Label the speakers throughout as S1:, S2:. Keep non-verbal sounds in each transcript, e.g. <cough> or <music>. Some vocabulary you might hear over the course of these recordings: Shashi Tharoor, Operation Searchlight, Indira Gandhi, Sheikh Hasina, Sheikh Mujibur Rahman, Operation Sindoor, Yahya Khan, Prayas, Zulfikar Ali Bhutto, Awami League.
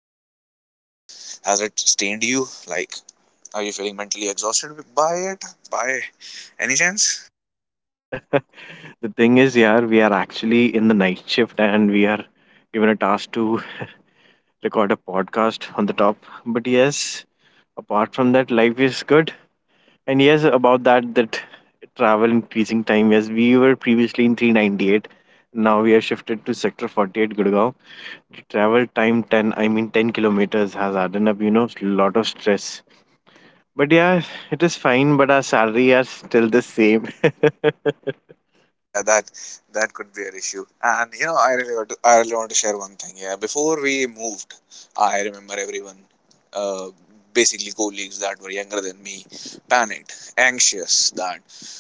S1: travel time. Has it stained you? Like, are you feeling mentally exhausted by it? By any chance?
S2: <laughs> The thing is, yeah, we are actually in the night shift and we are given a task to <laughs> record a podcast on the top. But yes, apart from that, life is good. And yes, about that travel increasing time. Yes, we were previously in 398. Now we are shifted to sector 48, Gurgaon. The travel time 10, I mean 10 kilometers has added up, lot of stress. But yeah, it is fine, but our salary are still the same. <laughs>
S1: Yeah, that could be an issue. And you know, I really want to share one thing. Yeah, before we moved, I remember everyone, uh, basically colleagues that were younger than me, panicked, anxious that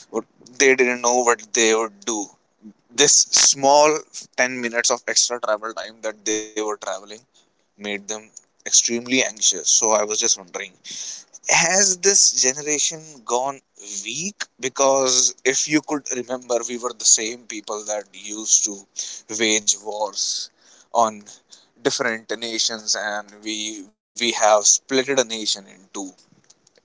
S1: what, they didn't know what they would do. This small 10 minutes of extra travel time that they were traveling made them extremely anxious. So I was just wondering, has this generation gone weak? Because if you could remember, we were the same people that used to wage wars on different nations, and we have splitted a nation into,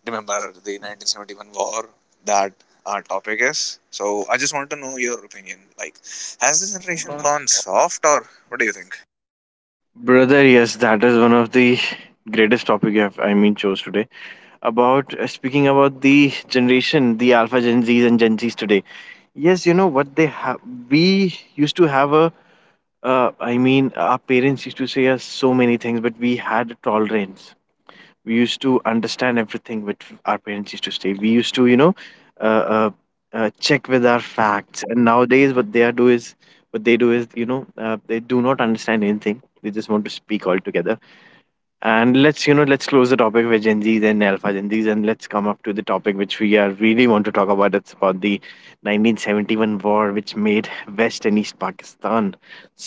S1: remember, the 1971 war that our topic is. So I just want to know your opinion. Like,
S2: As if
S1: has this
S2: it
S1: generation gone
S2: was-
S1: soft, or what do you think?
S2: Brother, yes, that is one of the greatest topic you have, I mean, chose today. About Speaking about the generation, the Alpha Gen Z's and Gen Z's today. Yes, you know what they have. We used to have our parents used to say us so many things, but we had tolerance. We used to understand everything which our parents used to say. We used to, uh, uh, check with our facts. And nowadays, what they do is, they do not understand anything. They just want to speak altogether. And let's you know let's close the topic with Gen Z's and Alpha Gen Z's, and let's come up to the topic which we are really want to talk about. It's about the 1971 war which made West and East Pakistan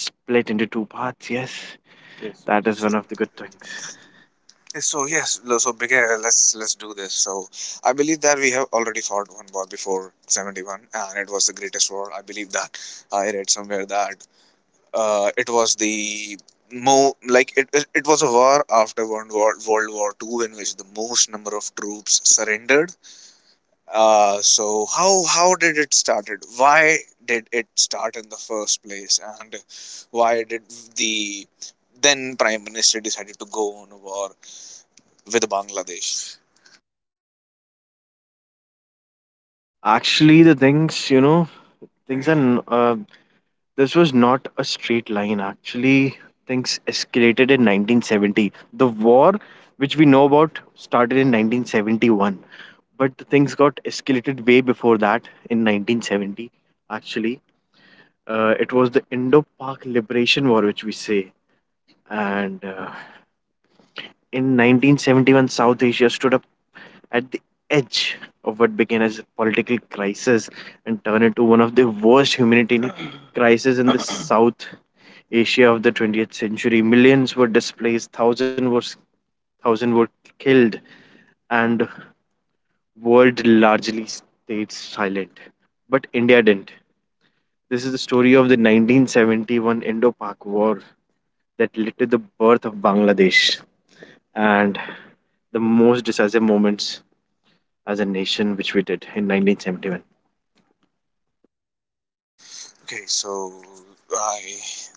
S2: split into two parts. Yes,
S1: Yes.
S2: that is one of the good things.
S1: So yes, lo- so big. Let's do this. So I believe that we have already fought one war before 71, and it was the greatest war. I believe that I read somewhere that, it was the mo like it was a war after one war, World War Two, in which the most number of troops surrendered. So how did it started? Why did it start in the first place, and why did the then prime minister decided to go on a war with Bangladesh?
S2: Actually, the things you know Things and this was not a straight line. Actually, things escalated in 1970. The war, which we know about, started in 1971, but the things got escalated way before that in 1970. Actually, it was the Indo-Pak Liberation War, which we say. And, in 1971, South Asia stood up at the edge of what began as a political crisis and turned into one of the worst humanitarian <clears throat> crises in the South Asia of the 20th century. Millions were displaced, thousands were killed, and world largely stayed silent. But India didn't. This is the story of the 1971 Indo-Pak War that led to the birth of Bangladesh and the most decisive moments as a nation which we did in 1971.
S1: Okay, so I,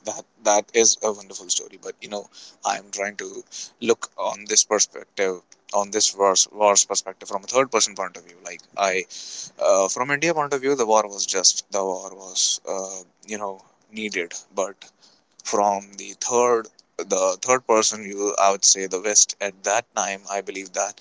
S1: that that is a wonderful story, but you know, I am trying to look on this perspective, on this war's perspective from a third person point of view. Like I, from India point of view, the war was just, the war was, you know, needed, but from the third, the third person view, I would say the West at that time, I believe that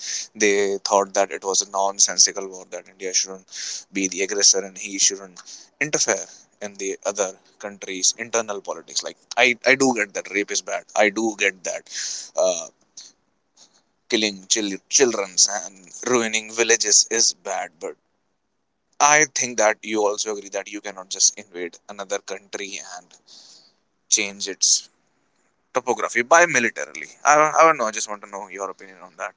S1: they thought that it was a nonsensical war, that India shouldn't be the aggressor, and he shouldn't interfere in the other countries internal politics. Like, I do get that rape is bad, I do get that, uh, killing children's and ruining villages is bad, but I think that you also agree that you cannot just invade another country and change its topography by militarily. I don't know. I just want to know your opinion on that.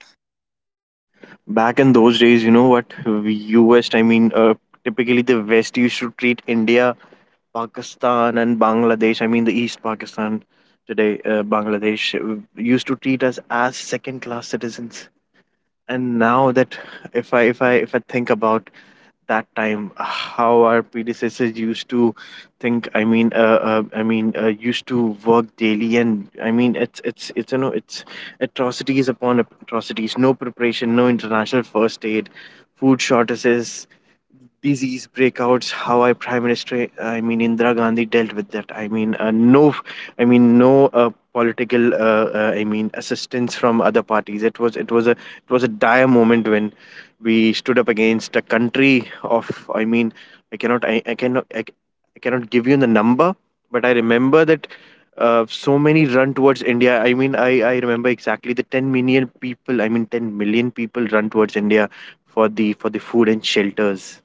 S2: Back in those days, you know what? US, I mean, typically the West used to treat India, Pakistan, and Bangladesh. I mean, the East Pakistan today, Bangladesh, used to treat us as second-class citizens. And now that, if I think about that time, how our predecessors used to think, I mean, used to work daily. And I mean, it's you know it's atrocities upon atrocities, no preparation, no international first aid, food shortages, disease breakouts. How I prime minister I mean Indira Gandhi dealt with that. I mean, no, I mean, no political, I mean, assistance from other parties. It was a dire moment when we stood up against a country of, I mean, i cannot i, I cannot I, I cannot give you the number, but I remember that, so many run towards India. I mean, I remember exactly the 10 million people. I mean, 10 million people run towards India for the food and shelters.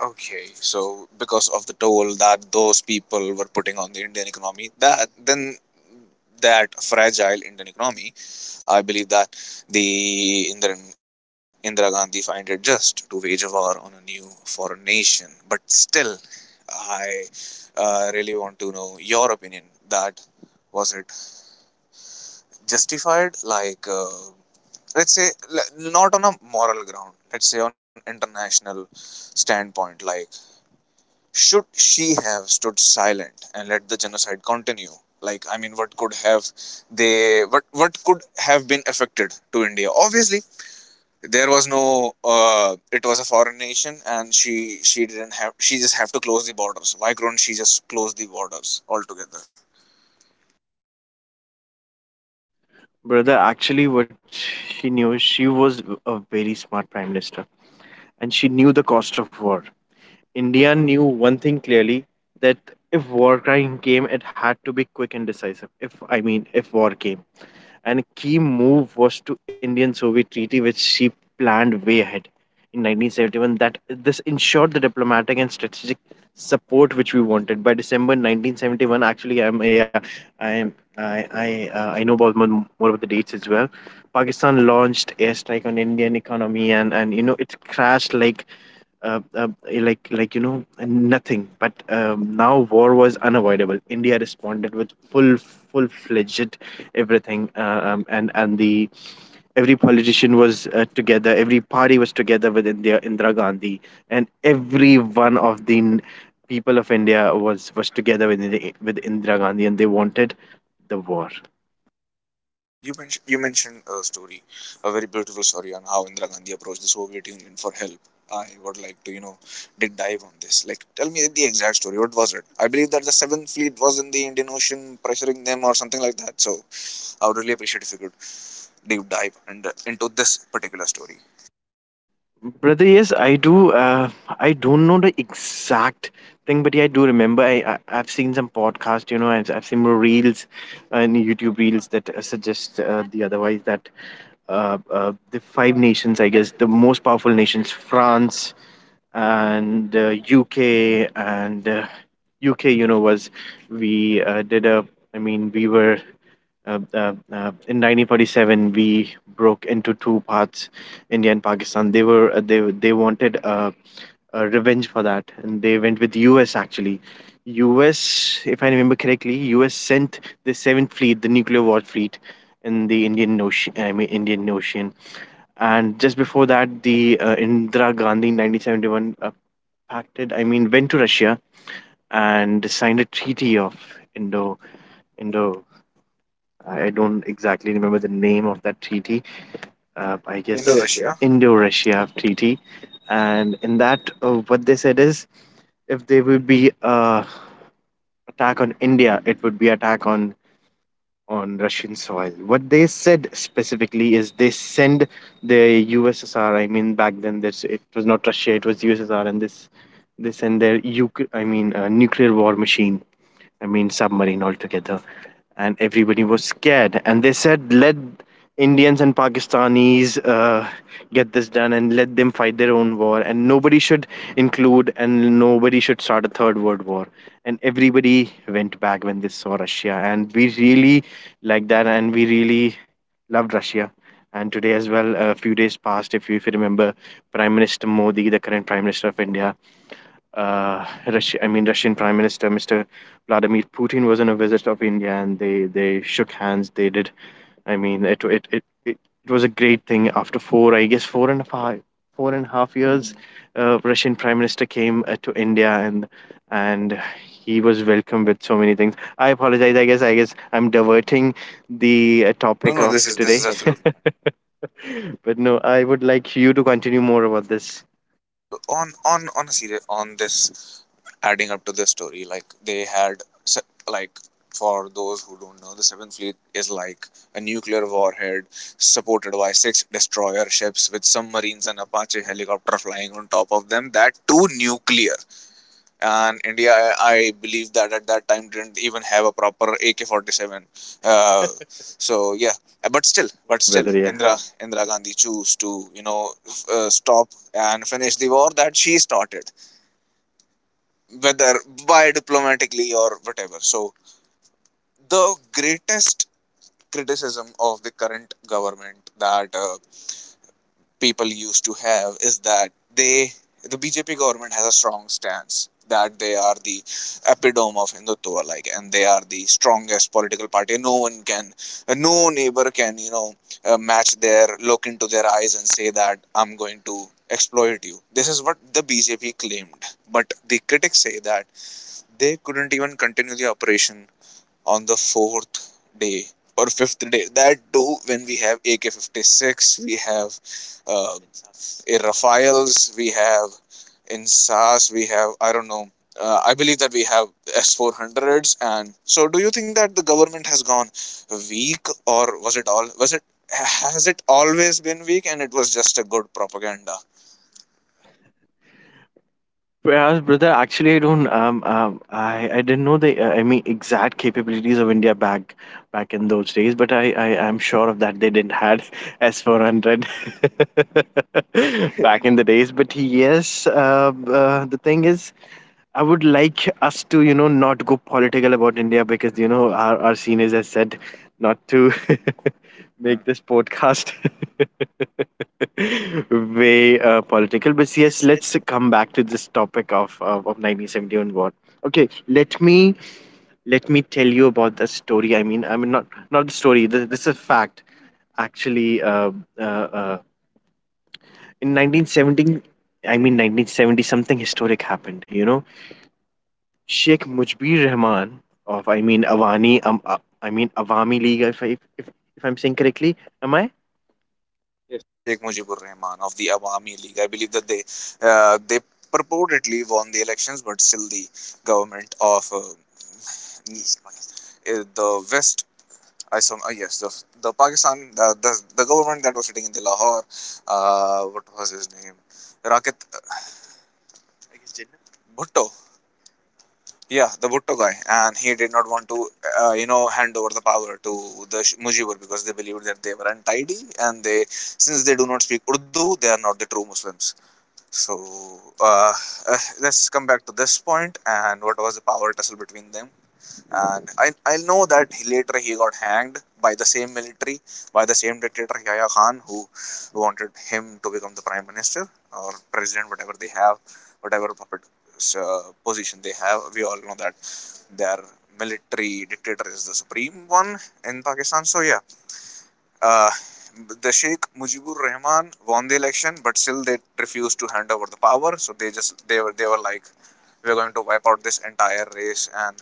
S1: Okay, so because of the toll that those people were putting on the Indian economy, that then, that fragile Indian economy, I believe that the Indira Gandhi find it just to wage a war on a new foreign nation. But still, I, really want to know your opinion. That, was it justified? Like, let's say not on a moral ground, let's say on international standpoint. Like, should she have stood silent and let the genocide continue? Like, I mean, what could have they, what could have been affected to India? Obviously, there was no, uh, it was a foreign nation, and she didn't have, she just have to close the borders. Why couldn't she just close the borders altogether?
S2: Brother, actually, what she knew, she was a very smart prime minister, and she knew the cost of war. India knew one thing clearly, that if war crime came, it had to be quick and decisive. If I mean, if war came. And key move was to Indian Soviet treaty, which she planned way ahead in 1971. That this ensured the diplomatic and strategic support which we wanted. By December 1971, actually, I'm yeah, I'm I know about more about the dates as well. Pakistan launched airstrike on Indian economy, and and it crashed like, like nothing. But, now war was unavoidable. India responded with full fledged everything, and the every politician was, together. Every party was together with India, Indira Gandhi, and every one of the people of India was together with Indira Gandhi, and they wanted the war.
S1: You mentioned a story, a very beautiful story on how Indira Gandhi approached the Soviet Union for help. I would like to, you know, dig dive on this. Like, tell me the exact story. What was it? I believe that the Seventh Fleet was in the Indian Ocean, pressuring them or something like that. So I would really appreciate if you could deep dive and, into this particular story.
S2: Brother, yes, I do. I don't know the exact thing, but yeah, I do remember. I've seen some podcast, I've seen more reels, and YouTube reels that, suggest, the otherwise, that, the five nations, I guess, the most powerful nations, France and, UK, and, UK, was, we did a. I mean, we were, in 1947, we broke into two paths, India and Pakistan. They were they wanted, revenge for that, and they went with US actually. US, if I remember correctly, US sent the Seventh Fleet, the nuclear war fleet, in the Indian Ocean. I mean, Indian Ocean, and just before that, the, Indira Gandhi in 1971, pacted. I mean, went to Russia and signed a treaty of Indo Indo I don't exactly remember the name of that treaty. I guess
S1: Indo Russia.
S2: Indo-Russia treaty, and in that, what they said is, if there would be a attack on India, it would be attack on Russian soil. What they said specifically is they send the USSR. I mean, back then, this it was not Russia; it was USSR, and this they send their UK, I mean, nuclear war machine. I mean, submarine altogether, and everybody was scared. And they said, let Indians and Pakistanis, get this done and let them fight their own war, and nobody should include and nobody should start a third world war. And everybody went back when they saw Russia, and we really like that, and we really loved Russia. And today as well, a few days past, if you remember, prime minister Modi, the current prime minister of India, Russia, I mean, Russian prime minister Mr. Vladimir Putin, was on a visit of India, and they shook hands. They did. I mean, it was a great thing. After four, I guess four and a five, 4.5 years, Russian Prime Minister came, to India, and he was welcomed with so many things. I apologize. I guess I'm diverting the,
S1: No,
S2: topic
S1: no,
S2: of today.
S1: this is
S2: Is okay.
S1: absolutely.
S2: <laughs> But no, I would like you to continue more about this.
S1: So on on a serious, on this, adding up to the story, like they had, like, for those who don't know, the Seventh Fleet is like a nuclear warhead supported by six destroyer ships with submarines and Apache helicopter flying on top of them, that too nuclear, and India, I believe that at that time, didn't even have a proper AK-47. <laughs> So yeah, but
S2: Yeah,
S1: still,
S2: brother. Yeah.
S1: Indira Gandhi chose to, you know, stop and finish the war that she started, whether by diplomatically or whatever. So the greatest criticism of the current government that, people used to have, is that they the BJP government has a strong stance that they are the epitome of Hindutva, like, and they are the strongest political party. No one can, no neighbor can, you know, match their, look into their eyes and say that I'm going to exploit you. This is what the BJP claimed, but the critics say that they couldn't even continue the operation on the fourth day or fifth day. That too, when we have AK 56, we have, uh, in Raphaels, we have in SAS, we have, I don't know. I believe that we have S400s. And so, do you think that the government has gone weak, or was it all, was it, has it always been weak, and it was just a good propaganda?
S2: Prayas, brother, actually, I don't. I didn't know the, I mean, exact capabilities of India back in those days, but I am sure of that they didn't had <laughs> S-400 <laughs> back in the days. But yes, the thing is, I would like us to, not go political about India, because, our seniors have said not to. <laughs> make this podcast <laughs> way, political. But yes, let's come back to this topic of 1971 war. Okay, let me tell you about the story. I mean, not the story. This is a fact. Actually, uh, uh, in 1970, I mean, 1970, something historic happened. Sheikh Mujibur Rahman of, I mean, Awani. I mean, Awami League. If I, if I'm saying correctly, am I?
S1: Yes, the Sheikh Mujibur Rahman of the Awami League. I believe that they, they purportedly won the elections, but still the government of, the West, I saw. Yes, the Pakistan, the, the government that was sitting in the Lahore. What was his name? Raket, I, Bhutto. Yeah, the Bhutto guy, and he did not want to, you know, hand over the power to the Mujibur, because they believed that they were untidy, and they, since they do not speak Urdu, they are not the true Muslims. So, uh, let's come back to this point, and what was the power tussle between them? And I know that he got hanged by the same military, by the same dictator Yahya Khan, who wanted him to become the prime minister or president, whatever they have, whatever puppet, uh, position they have. We all know that their military dictator is the supreme one in Pakistan. So yeah, uh, the Sheikh Mujibur Rahman won the election, but still they refused to hand over the power. So they just, they were like, we're going to wipe out this entire race and,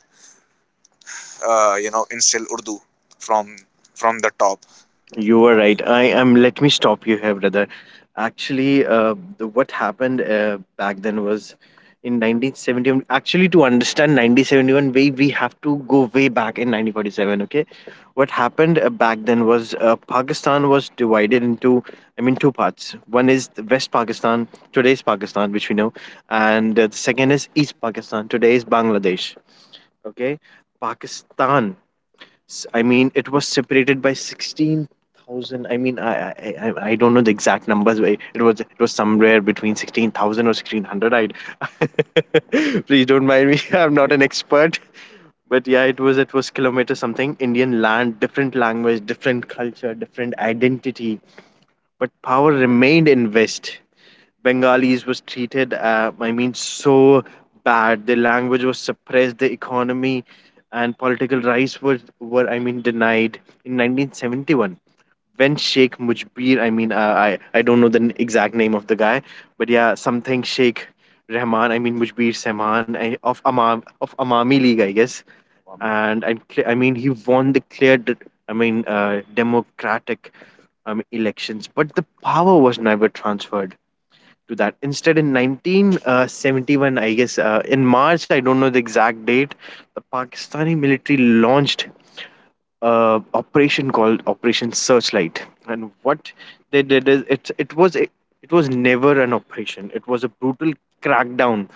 S1: you know, instill Urdu from from the top.
S2: You were right. I am. Let me stop you here, brother. Actually, what happened, back then was in 1971. Actually, to understand 1971, way we have to go way back in 1947. Okay, what happened, back then was, Pakistan was divided into, I mean, two parts. One is the West Pakistan, today's Pakistan, which we know, and, the second is East Pakistan, today's Bangladesh. Okay, Pakistan I mean, it was separated by 16,000. I mean, I don't know the exact numbers, but it was somewhere between 16,000 or 1,600. I <laughs> please don't mind me. <laughs> I'm not an expert, but yeah, it was kilometer something. Indian land, different language, different culture, different identity, but power remained in West. Bengalis was treated, I mean, so bad. Their language was suppressed. The economy and political rights were, I mean, denied. In 1971, when Sheikh Mujbir, I mean, I don't know the exact name of the guy, but yeah, something Sheikh Rahman, I mean, Mujbir Sehman I, of Amam of Amami League, I guess, and I mean, he won the clear, I mean, democratic, elections, but the power was never transferred to that. Instead, in 1971, in March, I don't know the exact date, the Pakistani military launched a operation called Operation Searchlight, and what they did is it was never an operation. It was a brutal crackdown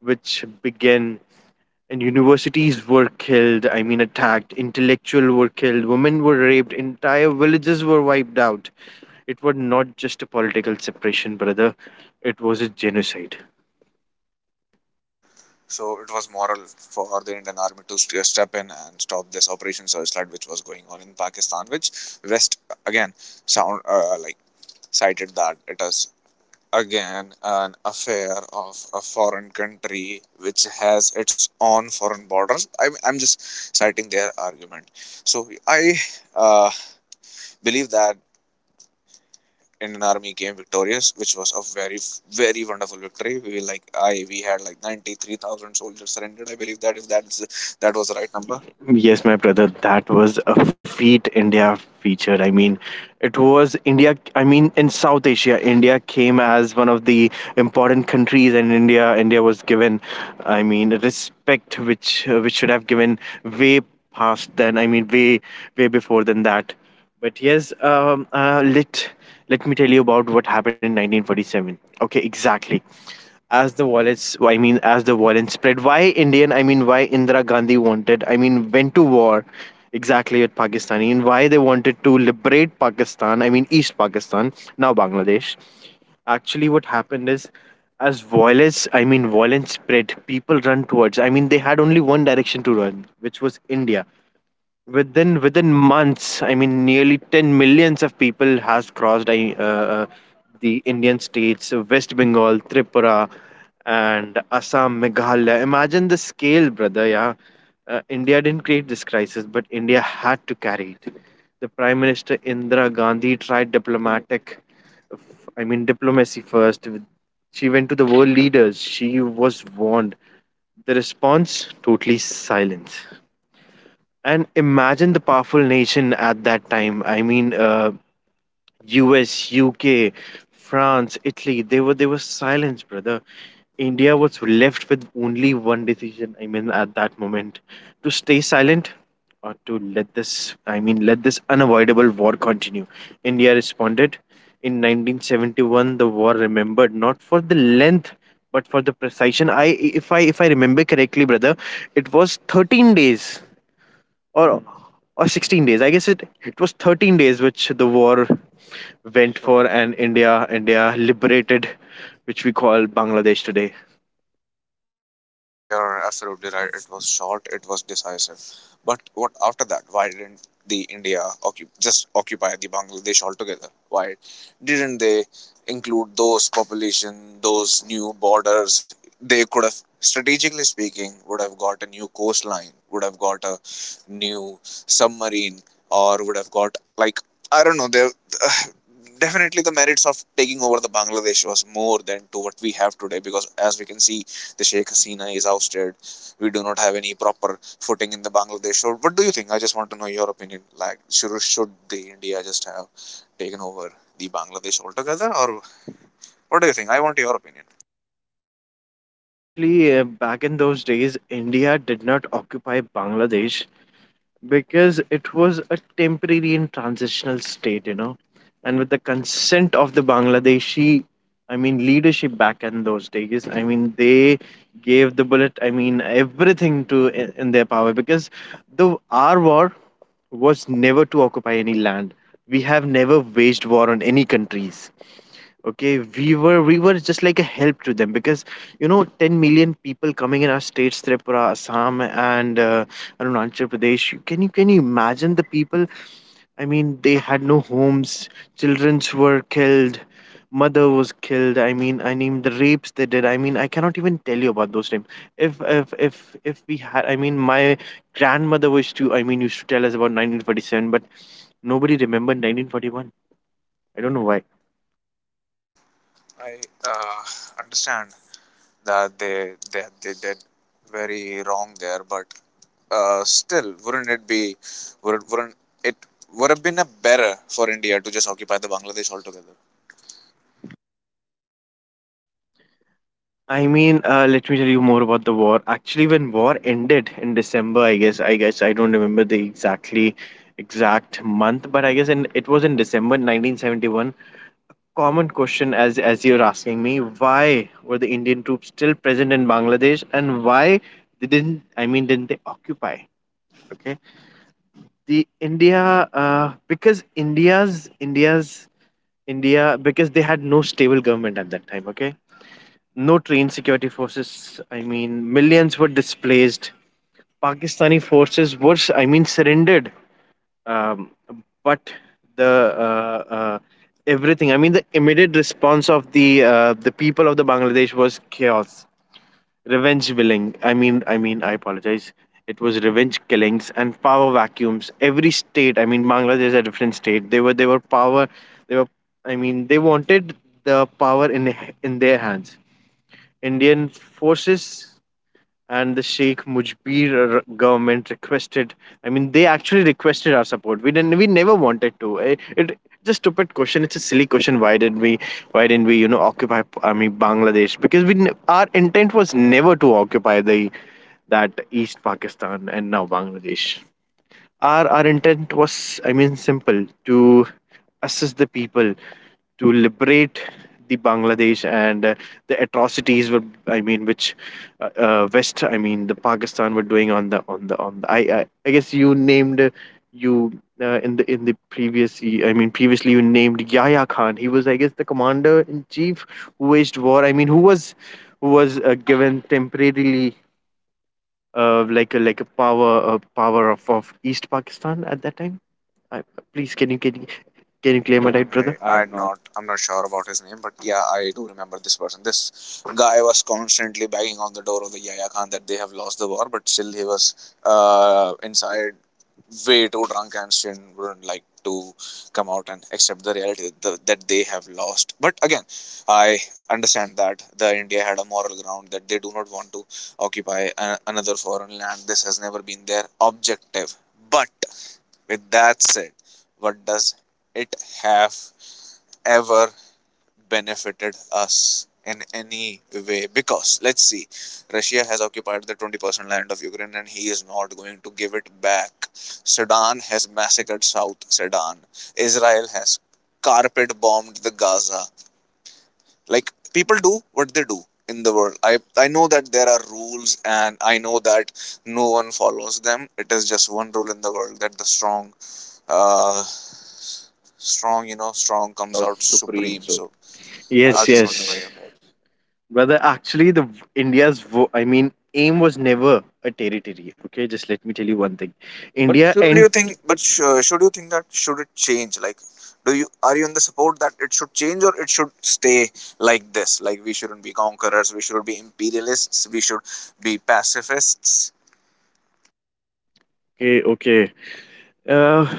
S2: which began, and universities were killed I mean attacked, intellectual were killed, women were raped, entire villages were wiped out. It was not just a political separation, brother, it was a genocide.
S1: So it was moral for the Indian army to step in and stop this Operation Searchlight, which was going on in Pakistan, which West again sound, like, cited that it is again an affair of a foreign country which has its own foreign borders. I, I'm just citing their argument. So I, uh, believe that Indian Army came victorious, which was a very, very wonderful victory. We like, I, we had like 93,000 soldiers surrendered. I believe that, if that's, that was the right number.
S2: Yes, my brother, that was a feat India featured. It was India, in South Asia. India came as one of the important countries, and India was given, respect which should have given way past then, way way before than that. But yes, let me tell you about what happened in 1947. Okay, exactly. As the violence spread, why Indira Gandhi went to war exactly with Pakistani, and why they wanted to liberate East Pakistan, now Bangladesh. Actually, what happened is, as violence spread, people run towards. I mean, they had only one direction to run, which was India. Within months, nearly 10 millions of people has crossed uh, the Indian states, West Bengal, Tripura and Assam, Meghalaya. Imagine the scale, brother. Yeah, India didn't create this crisis, but India had to carry it. The Prime Minister Indira Gandhi tried diplomatic I mean diplomacy first. She went to the world leaders, she was warned. The response? Totally silence. And imagine the powerful nation at that time, US, UK, France, Italy, they were silenced, brother. India was left with only one decision, at that moment: to stay silent, or to let this I mean let this unavoidable war continue. India responded. In 1971, the war remembered not for the length but for the precision. I if I if I remember correctly, brother, it was 13 days, or or 16 days, I guess. It was 13 days which the war went for, and India liberated which we call Bangladesh today.
S1: Yeah, you're absolutely right. It was short, it was decisive. But what after that? Why didn't the India just occupy the Bangladesh altogether? Why didn't they include those population, those new borders? They could have, strategically speaking, would have got a new coastline, would have got a new submarine, or would have got like, I don't know. They <sighs> definitely the merits of taking over the Bangladesh was more than to what we have today, because as we can see, the Sheikh Hasina is ousted. We do not have any proper footing in the Bangladesh. So what do you think? I just want to know your opinion. Like, should the India just have taken over the Bangladesh altogether, or what do you think? I want your opinion.
S2: Actually, back in those days, India did not occupy Bangladesh because it was a temporary and transitional state, you know. And with the consent of the Bangladeshi, leadership back in those days, they gave the bullet, I mean, everything to in their power because the our war was never to occupy any land. We have never waged war on any countries. Okay, we were just like a help to them because, you know, 10 million people coming in our states, Tripura, Assam, and Arunachal Pradesh. Can you can you imagine the people? I mean, they had no homes, childrens were killed, mother was killed. The rapes they did, I mean, I cannot even tell you about those times. If if if if we had, my grandmother was to I mean used to tell us about 1947, but nobody remembered 1941. I don't know why.
S1: I, understand that they did very wrong there, but, still, wouldn't it be, wouldn't it would have been a better for India to just occupy the Bangladesh altogether?
S2: I mean, let me tell you more about the war. Actually, when war ended in December, I guess I don't remember the exact month, but I guess it was in December 1971. Common question, as you're asking me, why were the Indian troops still present in Bangladesh, and why they didn't? I mean, didn't they occupy? Okay, the India because India's India's India, because they had no stable government at that time. Okay, no trained security forces. I mean, millions were displaced. Pakistani forces were, I mean, surrendered. Um, but the uh, uh, everything, I mean, the immediate response of the people of the Bangladesh was chaos, revenge willing. I mean, I mean, I apologize. It was revenge killings and power vacuums. Every state, I mean, Bangladesh is a different state. They were power. They were, I mean, they wanted the power in their hands. Indian forces and the Sheikh Mujibur government requested. I mean, they actually requested our support. We didn't. We never wanted to. It it's a stupid question. It's a silly question. Why did we? Why didn't we, you know, occupy, I mean, Bangladesh? Because we our intent was never to occupy the that East Pakistan and now Bangladesh. Our intent was, I mean, simple: to assist the people, to liberate the Bangladesh, and the atrocities were, I mean, which West, I mean, the Pakistan were doing on the on the on the. I, I guess you named you in the previous, I mean, previously you named Yahya Khan. He was, I guess, the commander in chief who waged war. I mean, who was given temporarily like a power, power of East Pakistan at that time. I, please, can you claim my right,
S1: I
S2: brother?
S1: I'm not sure about his name, but yeah, I do remember this person. This guy was constantly banging on the door of the Yahya Khan that they have lost the war, but still he was, inside, way too drunk, and still wouldn't like to come out and accept the reality that they have lost. But again, I understand that the India had a moral ground that they do not want to occupy another foreign land. This has never been their objective. But with that said, what does it have ever benefited us in any way? Because let's see, Russia has occupied the 20% land of Ukraine, and he is not going to give it back. Sudan has massacred South Sudan. Israel has carpet bombed the Gaza. Like, people do what they do in the world. I know that there are rules, and I know that no one follows them. It is just one rule in the world that the strong, uh strong, you know, strong comes out supreme. So I
S2: Yes,
S1: just want to know your.
S2: brother. Actually, the v- India's vo- I mean aim was never a territory. Okay, just let me tell you one thing. But
S1: But shouldn't you think? But
S2: Sh-
S1: sh- uh, should you think that should it change? Like, do you are you in the support that it should change or it should stay like this? Like we shouldn't be conquerors. We should be imperialists. We should be pacifists.
S2: okay, okay. Uh,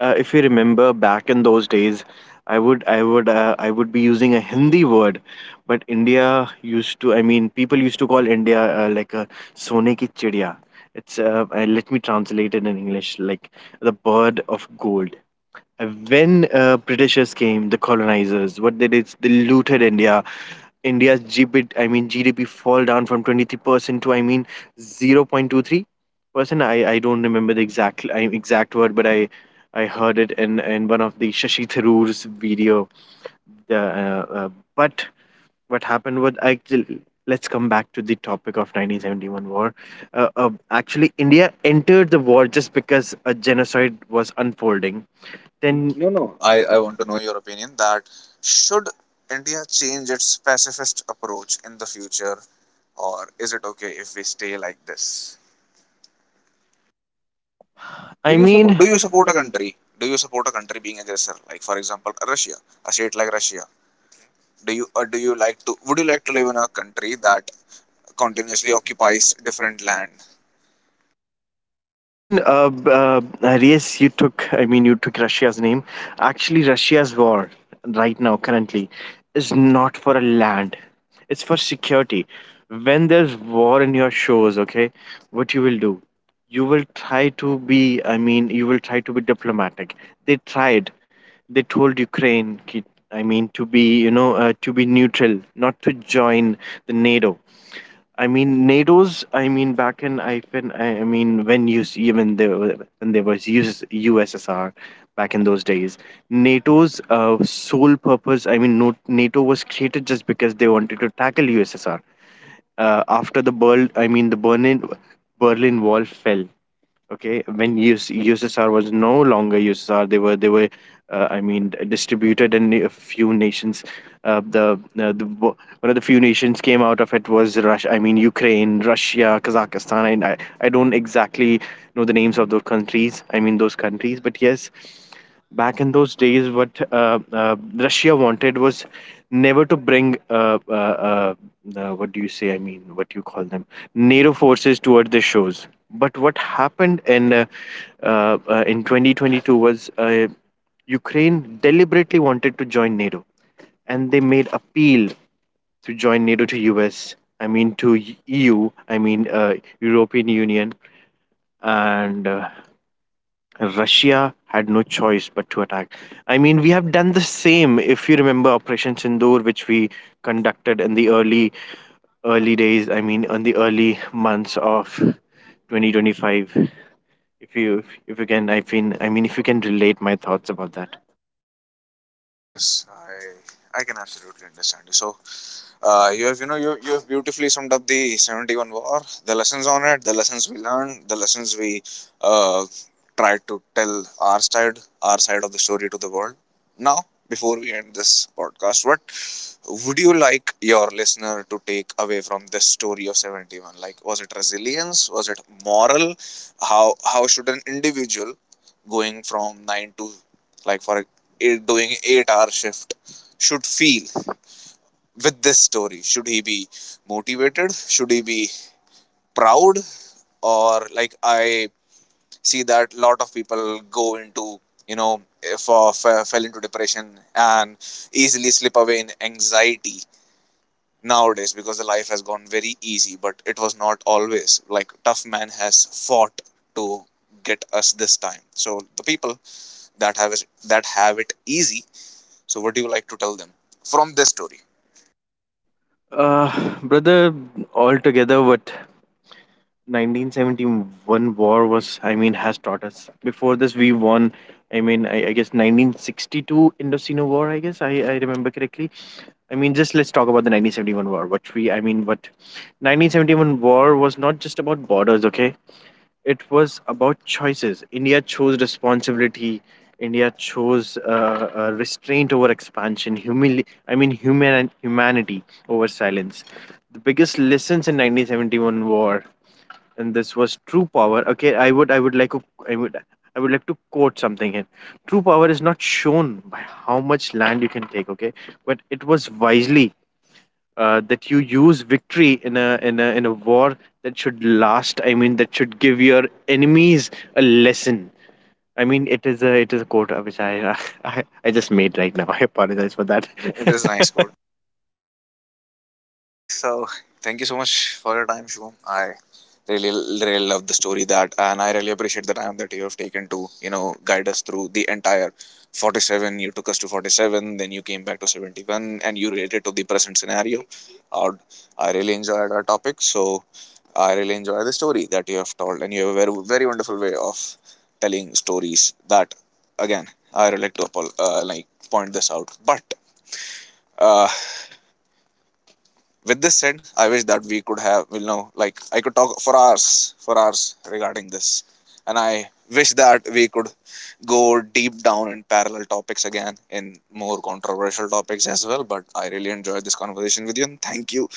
S2: if you remember back in those days, I would be using a Hindi word, but India used to, people used to call India like a sone ki chidiya. It's, let me translate it in English: like the bird of gold. When Britishers came, the colonizers, what they did is they looted India. India's GDP, I mean GDP, fall down from 23% to, I mean, 0.23%. I don't remember the exact word, but I heard it in one of the Shashi Tharoor's video. The but what happened was, actually, let's come back to the topic of 1971 war. Actually, India entered the war just because a genocide was unfolding then.
S1: No, no. I want to
S2: Do
S1: know your opinion. That should India change its pacifist approach in the future, or is it okay if we stay like this? Do
S2: I
S1: you support?
S2: mean,
S1: Do you support a country? Do you support a country being aggressor? Like for example, Russia, a state like Russia, do you or do you like to would you like to live in a country that continuously occupies different land?
S2: I mean, uh, b- uh, yes, you took, I mean, you took Russia's name. Actually, Russia's war right now, currently, is not for a land. It's for security. When there's war in your shows, okay, what you will do? You will try to be, you will try to be diplomatic. They tried, they told Ukraine ki-, I mean, to be, you know, to be neutral, not to join the NATO. I mean, back in I when I mean when you see, when there was US, USSR, back in those days, NATO's sole purpose, I mean, no, NATO was created just because they wanted to tackle USSR. After the Berl, I mean the Berlin Berlin Wall fell. Okay, when US, USSR was no longer USSR, they were, I mean, distributed in a few nations. One of the few nations came out of it was Russia. I mean, Ukraine, Russia, Kazakhstan, and I don't exactly know the names of those countries. I mean, those countries. But yes, back in those days, what Russia wanted was never to bring, what do you say? I mean, what you call them? NATO forces toward the shores. But what happened in 2022 was, Ukraine deliberately wanted to join NATO, and they made appeal to join NATO to US, I mean to EU, European Union, and. Russia had no choice but to attack. I mean, we have done the same. If you remember Operation Sindoor, which we conducted in the early days. I mean, in the early months of 2025. If you can, if you can relate my thoughts about that.
S1: Yes, I can absolutely understand you. So you have, you have beautifully summed up the 71 war, the lessons on it, the lessons we learned, the lessons we uh, tried to tell our side of the story to the world. Now, before we end this podcast, what would you like your listener to take away from this story of 71? Like, was it resilience? Was it moral? How should an individual going from 9 to like for eight, doing 8-hour shift, should feel? With this story, should he be motivated? Should he be proud? Or, like, I see that a lot of people go into, you know, for fell into depression and easily slip away in anxiety nowadays, because the life has gone very easy. But it was not always like. Tough man has fought to get us this time. So the people that have it easy, so what do you like to tell them from this story?
S2: Brother, altogether, what 1971 war was, has taught us. Before this, we won, I guess 1962 indocino war, I guess, I remember correctly. I mean, just let's talk about the 1971 war. What we i mean what 1971 war was not just about borders, okay, it was about choices. India chose responsibility. India chose, restraint over expansion, humanity over silence. The biggest lessons in 1971 war, and this was true power. Okay, I would like to quote something here. True power is not shown by how much land you can take, okay, but it was wisely, that you use victory in a in a in a war that should last, that should give your enemies a lesson. I mean, it is a quote which I <laughs> I just made right now. <laughs> I apologize for that.
S1: It is nice quote. <laughs> Okay, so thank you so much for your time, Shivam. I really really love the story that, and I really appreciate the time that you have taken to, you know, guide us through the entire 47. You took us to 47, then you came back to 71, and you related to the present scenario. uh, I really enjoyed our topic. So I really enjoy the story that you have told, and you have a very very wonderful way of telling stories. That, again, I would like to like, point this out, but uh, with this said, I wish that we could have, you know, like, I could talk for hours regarding this, and I wish that we could go deep down in parallel topics again, in more controversial topics as well. But I really enjoyed this conversation with you, and thank you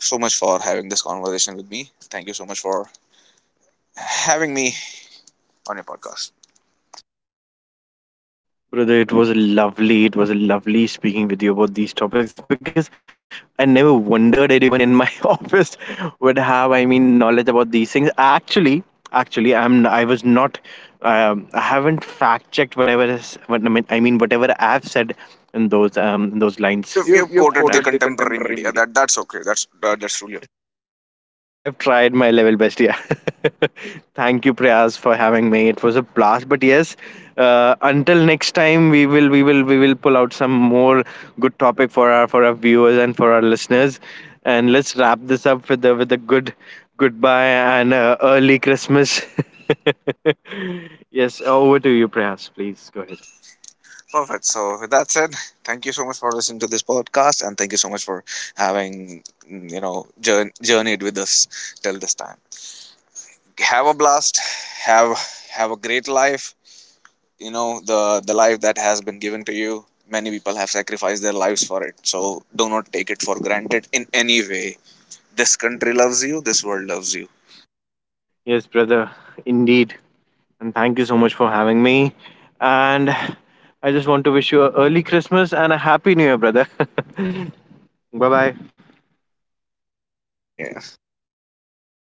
S1: so much for having this conversation with me. Thank you so much for having me on your podcast.
S2: Brother, it was lovely. It was lovely speaking with you about these topics because I never wondered anyone in my <laughs> office would have, I mean, knowledge about these things. Actually, I was not, I haven't fact checked whatever is what I mean. I mean, whatever I've said in those
S1: You've
S2: lines. Yeah,
S1: you've quoted the contemporary media. That's okay. That's truly okay.
S2: but I've tried my level best. Yeah. <laughs> Thank you, Prayas, for having me. It was a blast. But yes, until next time, we will pull out some more good topic for our viewers and for our listeners. And let's wrap this up with a good goodbye and early Christmas. <laughs> Yes, over to you, Prayas. Please go ahead.
S1: Perfect. So with that said, thank you so much for listening to this podcast, and thank you so much for having you know, journeyed with us till this time. Have a blast. Have have a great life. You know, the life that has been given to you. Many people have sacrificed their lives for it. So do not take it for granted in any way. This country loves you. This world loves you.
S2: Yes, brother, indeed. And thank you so much for having me. And I just want to wish you a early Christmas and a happy new year, brother. <laughs> Bye bye.
S1: Happy New Year.